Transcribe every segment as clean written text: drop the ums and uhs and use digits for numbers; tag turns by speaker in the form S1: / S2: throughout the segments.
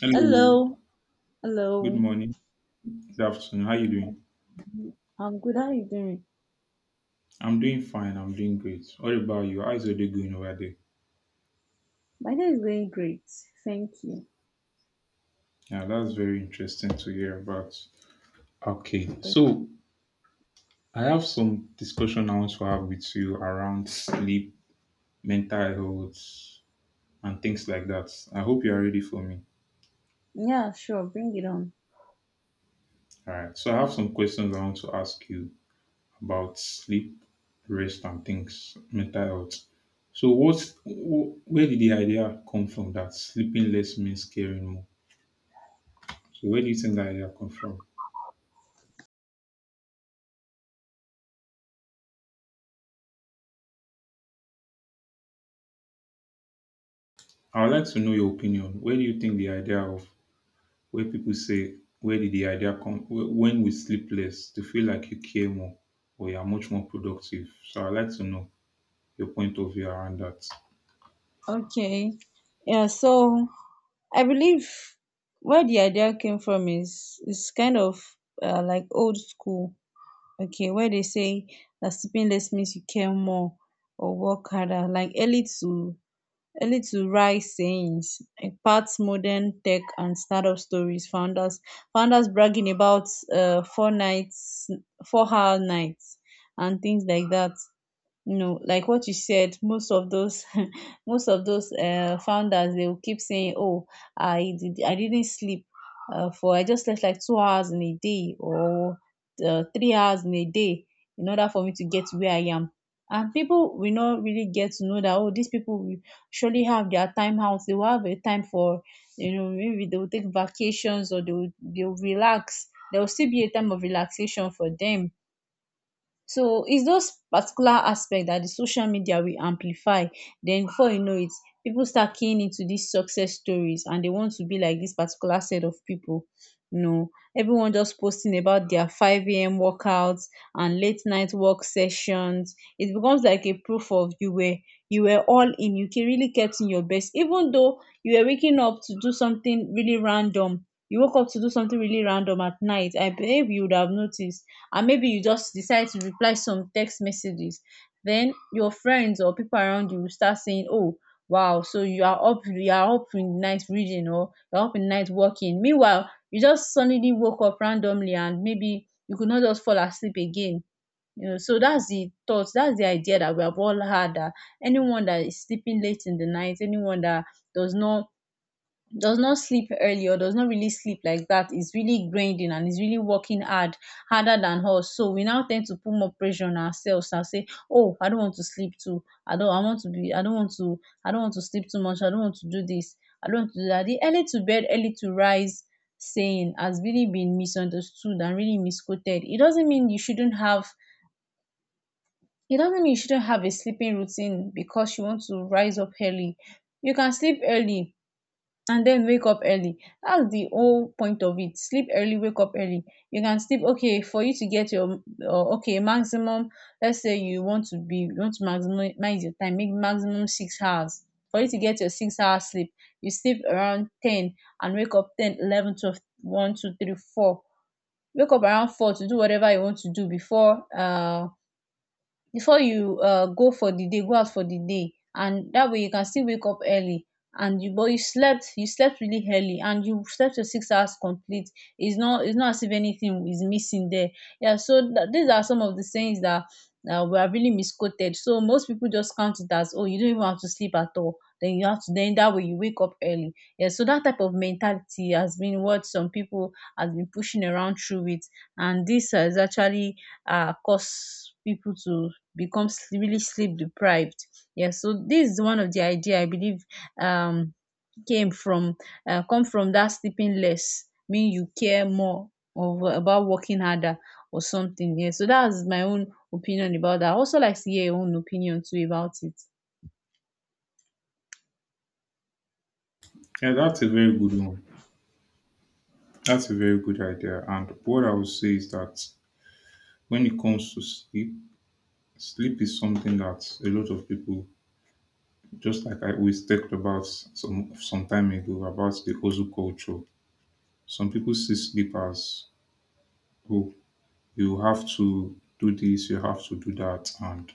S1: Hello,
S2: Hello,
S1: good
S2: hello.
S1: morning, good afternoon. How you doing?
S2: I'm good. How are you doing?
S1: I'm doing fine. I'm doing great. What about you? How's your day going over there?
S2: My day is going great. Thank you.
S1: Yeah, that's very interesting to hear about. Okay,
S2: Thank-
S1: so I have some discussion I want to have with you around sleep, mental health, and things like that. I hope you are ready for me.
S2: Yeah, sure. Bring it on.
S1: All right. So I have some questions I want to ask you about sleep, rest, and things, mental health. So where did the idea come from that sleeping less means caring more? So where do you think that idea come from? I would like to know your opinion. Where do you think the idea of where people say where did the idea come when we sleep less to feel like you care more or you are much more productive? So I'd like to know your point of view around that.
S2: Okay. Yeah. So I believe where the idea came from is kind of like old school. Okay, where they say that sleeping less means you care more or work harder, like early to early-to-rise sayings imparts modern tech and startup stories. Founders bragging about four nights, four-hour nights and things like that. No, like what you said, most of those most of those founders, they will keep saying, "Oh, I didn't sleep for I just slept like 2 hours in a day or 3 hours in a day in order for me to get to where I am." And people will not really get to know that, oh, these people will surely have their time out. They will have a time for, you know, maybe they will take vacations or they will relax. There will still be a time of relaxation for them, so it's those particular aspect that the social media will amplify. Then before you know it, people start keying into these success stories and they want to be like this particular set of people. You know, everyone just posting about their 5 a.m. workouts and late night work sessions. It becomes like a proof of you were all in. You really kept in your best, even though you were waking up to do something really random. You woke up to do something really random at night. I believe you would have noticed, and maybe you just decide to reply some text messages, then your friends or people around you will start saying, oh, wow, so you are up in night reading or you're up in night working, meanwhile you just suddenly woke up randomly and maybe you could not just fall asleep again, you know. So that's the thoughts, that's the idea that we have all had, that anyone that is sleeping late in the night, anyone that does not does not sleep early or does not really sleep like that is really grinding and is really working hard harder than us. So we now tend to put more pressure on ourselves and say, oh, I don't I don't want to sleep too much, I don't want to do this, I don't want to do that. The early to bed, early to rise saying has really been misunderstood and really misquoted. It doesn't mean you shouldn't have it doesn't mean you shouldn't have a sleeping routine because you want to rise up early. You can sleep early and then wake up early. That's the whole point of it. Sleep early, wake up early. You can sleep, okay, for you to get your okay, maximum, let's say you want to be you want to maximize your time, make maximum 6 hours. For you to get your 6 hours sleep, you sleep around 10 and wake up 10, 11, 12, 1, 2, 3, 4. Wake up around 4 to do whatever you want to do before before you go for the day, go out for the day, and that way you can still wake up early. And you slept really early and you slept your 6 hours complete. It's not as if anything is missing there, yeah. So these are some of the sayings that were really misquoted. So most people just count it as, oh, you don't even have to sleep at all, then that way you wake up early. Yeah, so that type of mentality has been what some people has been pushing around through it, and this has actually caused people to become really sleep deprived. Yeah, so this is one of the idea I believe um came from that sleeping less mean you care more of, about working harder or something. Yeah, so that's my own opinion about that. I also like to hear your own opinion too about it.
S1: Yeah, that's a very good one. That's a very good idea. And what I would say is that when it comes to sleep, sleep is something that a lot of people, just like I always talked about some time ago about the hustle culture. Some people see sleep as oh, you have to do this, you have to do that. And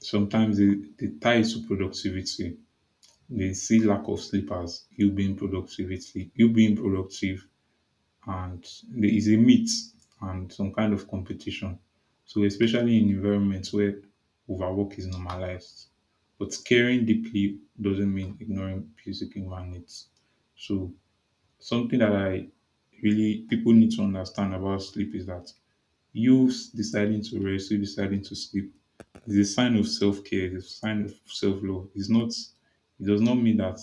S1: sometimes they tie it to productivity. They see lack of sleep as you being productivity, you being productive, and there is a myth and some kind of competition. So especially in environments where overwork is normalized. But caring deeply doesn't mean ignoring basic human needs. So something that I really people need to understand about sleep is that deciding to rest, you deciding to sleep is a sign of self care, is a sign of self love. It's not, it does not mean that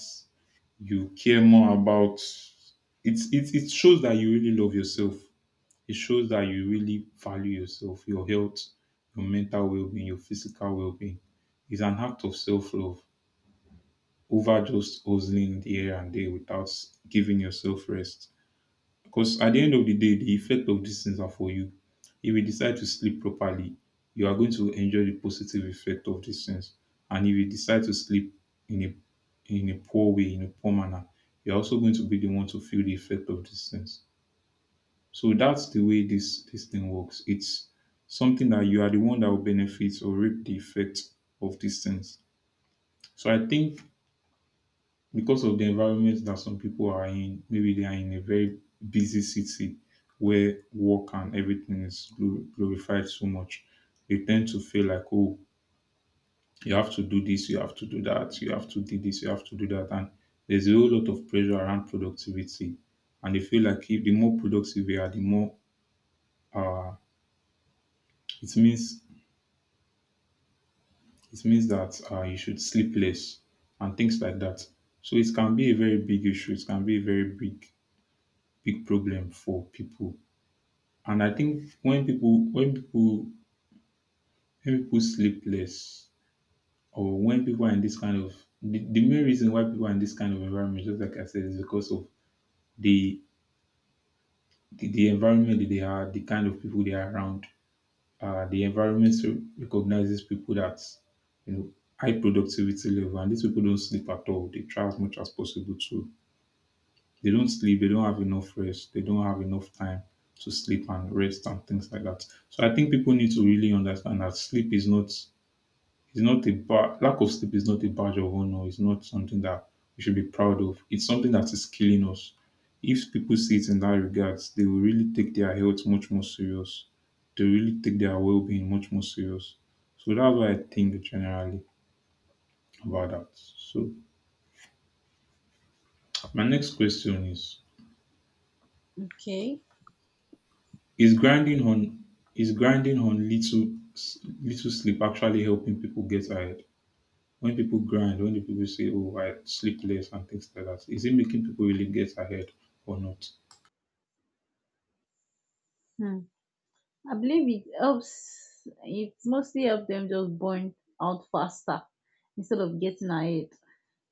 S1: you care more about it shows that you really love yourself. It shows that you really value yourself, your health, your mental well being, your physical well being. It's an act of self love over just hustling the here and there without giving yourself rest. Because at the end of the day, the effect of these things are for you. If you decide to sleep properly, you are going to enjoy the positive effect of these things. And if you decide to sleep in a in a poor way, in a poor manner, you're also going to be the one to feel the effect of these things. So that's the way this thing works. It's something that you are the one that will benefit or reap the effect of these things. So I think because of the environment that some people are in, maybe they are in a very busy city where work and everything is glorified so much, they tend to feel like, oh, you have to do this, you have to do that, you have to do this, you have to do that. And there's a whole lot of pressure around productivity. And they feel like if the more productive you are, the more uh, it means it means that you should sleep less and things like that. So it can be a very big issue. It can be a very big big problem for people. And I think when people sleep less or when people are in this kind of the main reason why people are in this kind of environment, just like I said, is because of the the environment that they are, the kind of people they are around. The environment recognizes people that you know high productivity level, and these people don't sleep at all. They try as much as possible to. They don't sleep. They don't have enough rest. They don't have enough time to sleep and rest and things like that. So I think people need to really understand that sleep is not. It's not a lack of sleep is not a badge of honor. It's not something that we should be proud of. It's something that is killing us. If people see it in that regards, they will really take their health much more serious. They really take their well-being much more serious. So that's what I think generally about that. So my next question is:
S2: Okay.
S1: is grinding on little sleep actually helping people get ahead? When people grind, when the people say, "Oh, I sleep less" and things like that, is it making people really get ahead or not?
S2: Hmm. I believe it helps. It mostly helps them just burn out faster instead of getting ahead.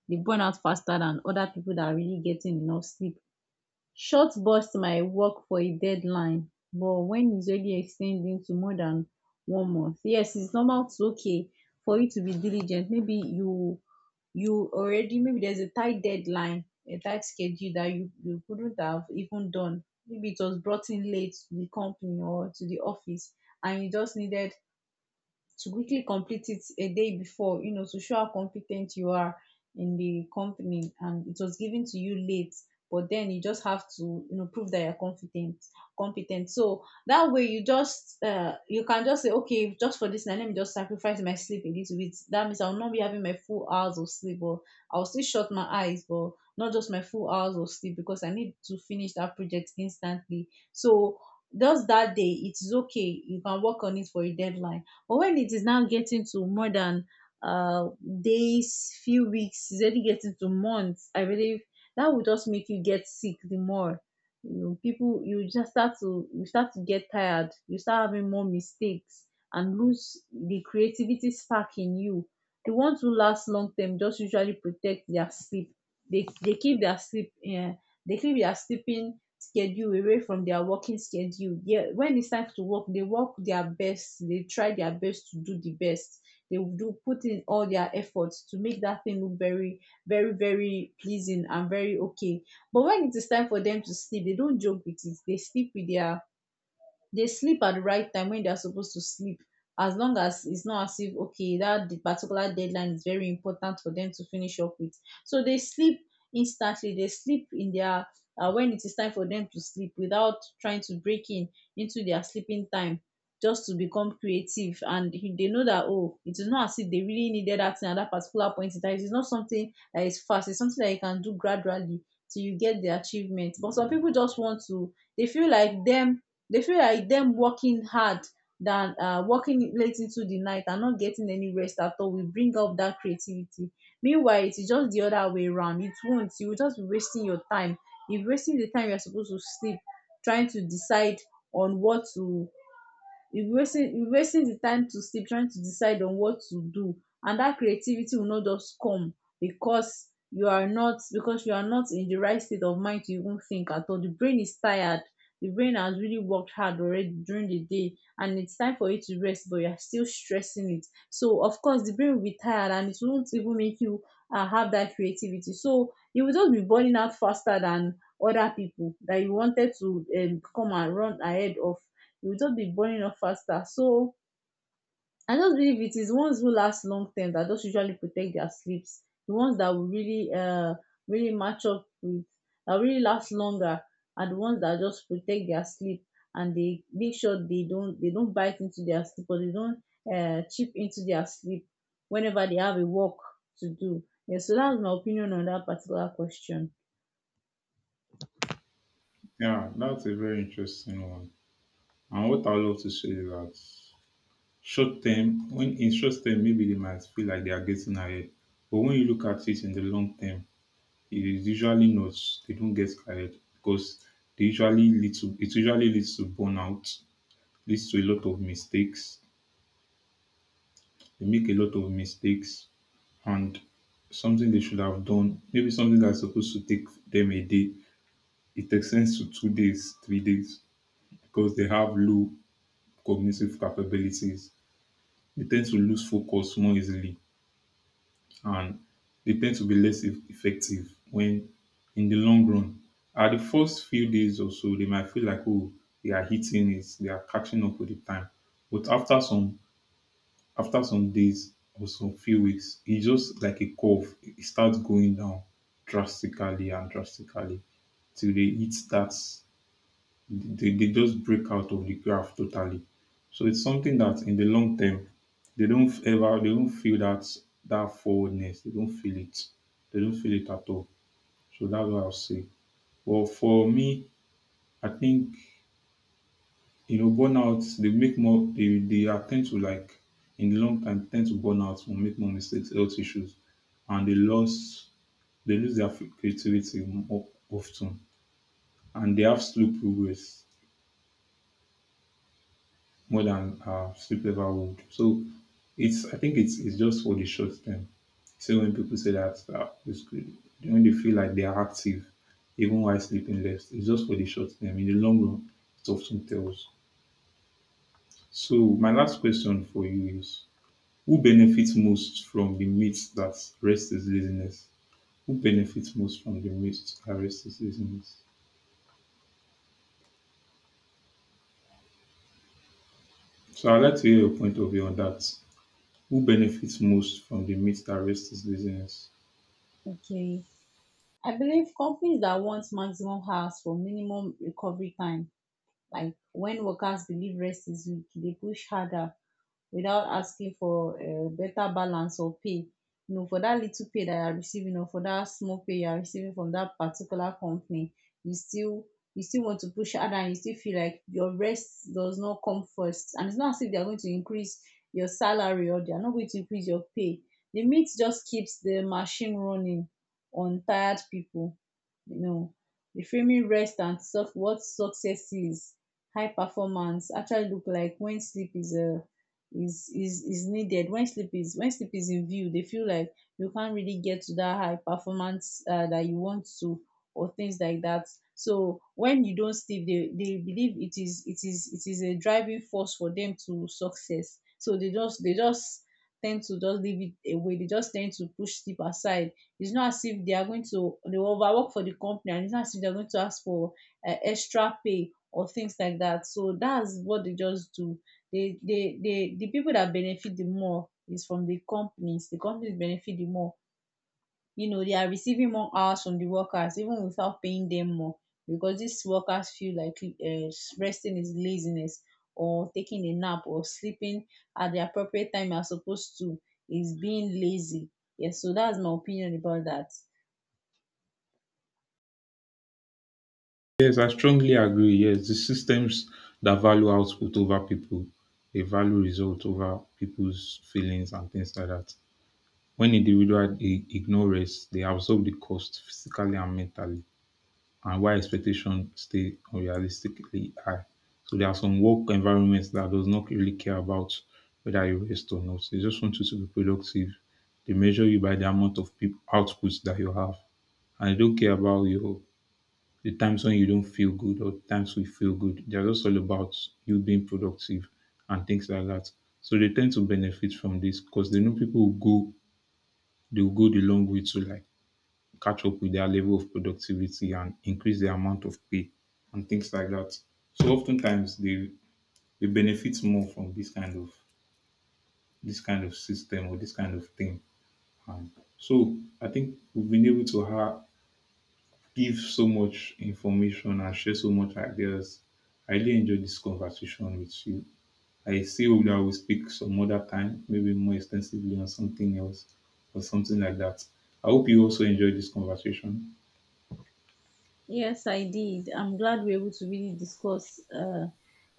S2: They burn out faster than other people that are really getting enough sleep. Short burst might work for a deadline, but when its already extending to more than 1 month, yes, its normal to, okay, for you to be diligent. Maybe you, you already, maybe there's a tight deadline, a tight schedule, that you couldn't have even done, maybe it was brought in late to the company or to the office, and you just needed to quickly complete it a day before, you know, to show how competent you are in the company and it was given to you late. But then you just have to, you know, prove that you're competent. So that way you just, you can just say, okay, just for this night, let me just sacrifice my sleep a little bit. That means I'll not be having my full hours of sleep, but I'll still shut my eyes, but not just my full hours of sleep because I need to finish that project instantly. So just that day, it is okay. You can work on it for a deadline, but when it is now getting to more than uh, days, few weeks, it's already getting to months, I believe that will just make you get sick the more. You know, people, you start to get tired. You start having more mistakes and lose the creativity spark in you. The ones who last long term just usually protect their sleep. They keep their sleep, yeah, they keep their sleeping schedule away from their working schedule. Yeah, when it's time to work, they work their best, they try their best to do the best. They will do, put in all their efforts to make that thing look very pleasing and very okay. But when it is time for them to sleep, they don't joke with it. They sleep at the right time when they are supposed to sleep, as long as its not as if, okay, that the particular deadline is very important for them to finish up with. So they sleep instantly. They sleep in dia when it is time for them to sleep without trying to break in into their sleeping time just to become creative. And they know that, oh, it is not as if they really needed that thing at that particular point in time. It is not something that is fast, its something that you can do gradually till you get the achievement. But some people just want to, they feel like them working hard than working late into the night and not getting any rest at all will bring up that creativity. Meanwhile it is just the other way around. It won't. You will just be wasting your time. You're wasting the time you're supposed to sleep trying to decide on what to you're wasting, you're wasting the time to sleep trying to decide on what to do, and that creativity will not just come, because you are not because you are not in the right state of mind to even think at all. The brain is tired, the brain has really worked hard already during the day, and it's time for it to rest, but you're still stressing it. So of course the brain will be tired, and it won't even make you have that creativity. So you will just be burning out faster than other people that you wanted to, come and run ahead of. It will just be burning off faster. So I just believe it is ones who last long term that just usually protect their sleeps. The ones that will really really match up with, that really last longer, are the ones that just protect their sleep, and they make sure they don't bite into their sleep, or they don't chip into their sleep whenever they have a work to do. Yeah, so that's my opinion on that particular question.
S1: Yeah, that's a very interesting one. And what I love to say is that short term, when in short term, maybe they might feel like they are getting ahead, but when you look at it in the long term, it is usually not. They don't get ahead because they usually lead to it usually leads to burnout, leads to a lot of mistakes. They make a lot of mistakes and something they should have done, maybe something that's supposed to take them a day, it extends to 2 days, 3 days because they have low cognitive capabilities. They tend to lose focus more easily and they tend to be less effective when in the long run. At the first few days or so, they might feel like, oh, they are hitting it, they are catching up with the time. But after some days or some few weeks, it just like a curve. It starts going down drastically and drastically till they hit that. They just break out of the graph totally. So it's something that in the long term, they don't feel that that forwardness. They don't feel it. They don't feel it at all. So that's what I'll say. Well, for me, I think. You know, burnout, they make more, they are tend to like, in the long time, tend to burn out or make more mistakes, health issues, and they lose their creativity more often, and they have slow progress more than sleep ever would. So I think it's just for the short term. So when people say that, it's good. When they feel like they are active, even while sleeping less, it's just for the short term. In the long run, it often tells. So my last question for you is: who benefits most from the myth that rest is laziness? Who benefits most from the myth that rest is laziness? So I'd like to hear your point of view on that. Who benefits most from the myth that rest is laziness?
S2: Okay. I believe companies that want maximum hours for minimum recovery time. Like when workers believe rest is weak, they push harder without asking for a better balance or pay. You know, for that little pay that you are receiving, or for that small pay you are receiving from that particular company, you still you still want to push harder, and you still feel like your rest does not come first, and it's not as if they are going to increase your salary, or they are not going to increase your pay. The meat just keeps the machine running on tired people, you know, reframing rest and what success is, high performance actually look like when sleep is is needed. When sleep is when sleep is in view, they feel like you can't really get to that high performance that you want to or things like that. So when you don't sleep, they believe it is a driving force for them to success. So they just tend to just leave it away, they just tend to push sleep aside. It's not as if they are going to, they will overwork for the company, and it's not as if they're going to ask for extra pay or things like that. So that's what they just do. They, the people that benefit the more is from the companies. The companies benefit the more, you know, they are receiving more hours from the workers even without paying them more, because these workers feel like resting is laziness, or taking a nap or sleeping at the appropriate time as opposed to, is being lazy. Yes, so that's my opinion about that.
S1: Yes, I strongly agree. Yes, the systems that value output over people, they value result over people's feelings and things like that. When individuals they ignore rest, they absorb the cost physically and mentally, and why expectations stay unrealistically high. So there are some work environments that does not really care about whether you rest or not. They just want you to be productive. They measure you by the amount of peop outputs that you have, and they don't care about your the times when you don't feel good or times we feel good. They're just all about you being productive and things like that. So they tend to benefit from this because they know people will go, they will go the long way to like catch up with their level of productivity and increase the amount of pay and things like that. So oftentimes they benefit more from this kind of system or this kind of thing. And so I think we've been able to have, give so much information and share so much ideas. I really enjoyed this conversation with you. I see that we'll speak some other time, maybe more extensively on something else or something like that. I hope you also enjoyed this conversation.
S2: Yes, I did. I'm glad we're able to really discuss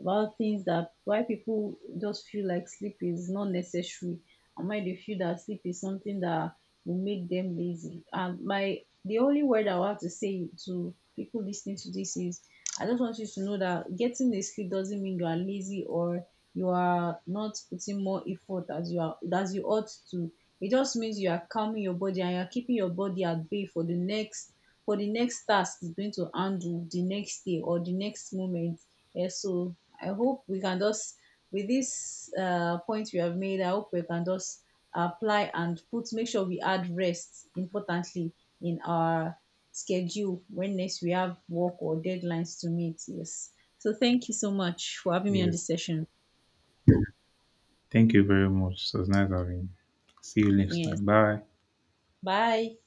S2: about things that why people just feel like sleep is not necessary, and why they feel that sleep is something that will make them lazy. And my the only word I want to say to people listening to this is, I just want you to know that getting a sleep doesn't mean you are lazy, or you are not putting more effort as you are as you ought to. It just means you are calming your body, and you're keeping your body at bay for the next, for the next task is going to handle the next day or the next moment. Yeah, so I hope we can just, with this point we have made, I hope we can just apply and put, make sure we add rest importantly in our schedule when next we have work or deadlines to meet. Yes. So thank you so much for having me
S1: Yeah.
S2: on this session.
S1: Thank you very much. It was nice having you. See you next time.
S2: Yes.
S1: Bye.
S2: Bye.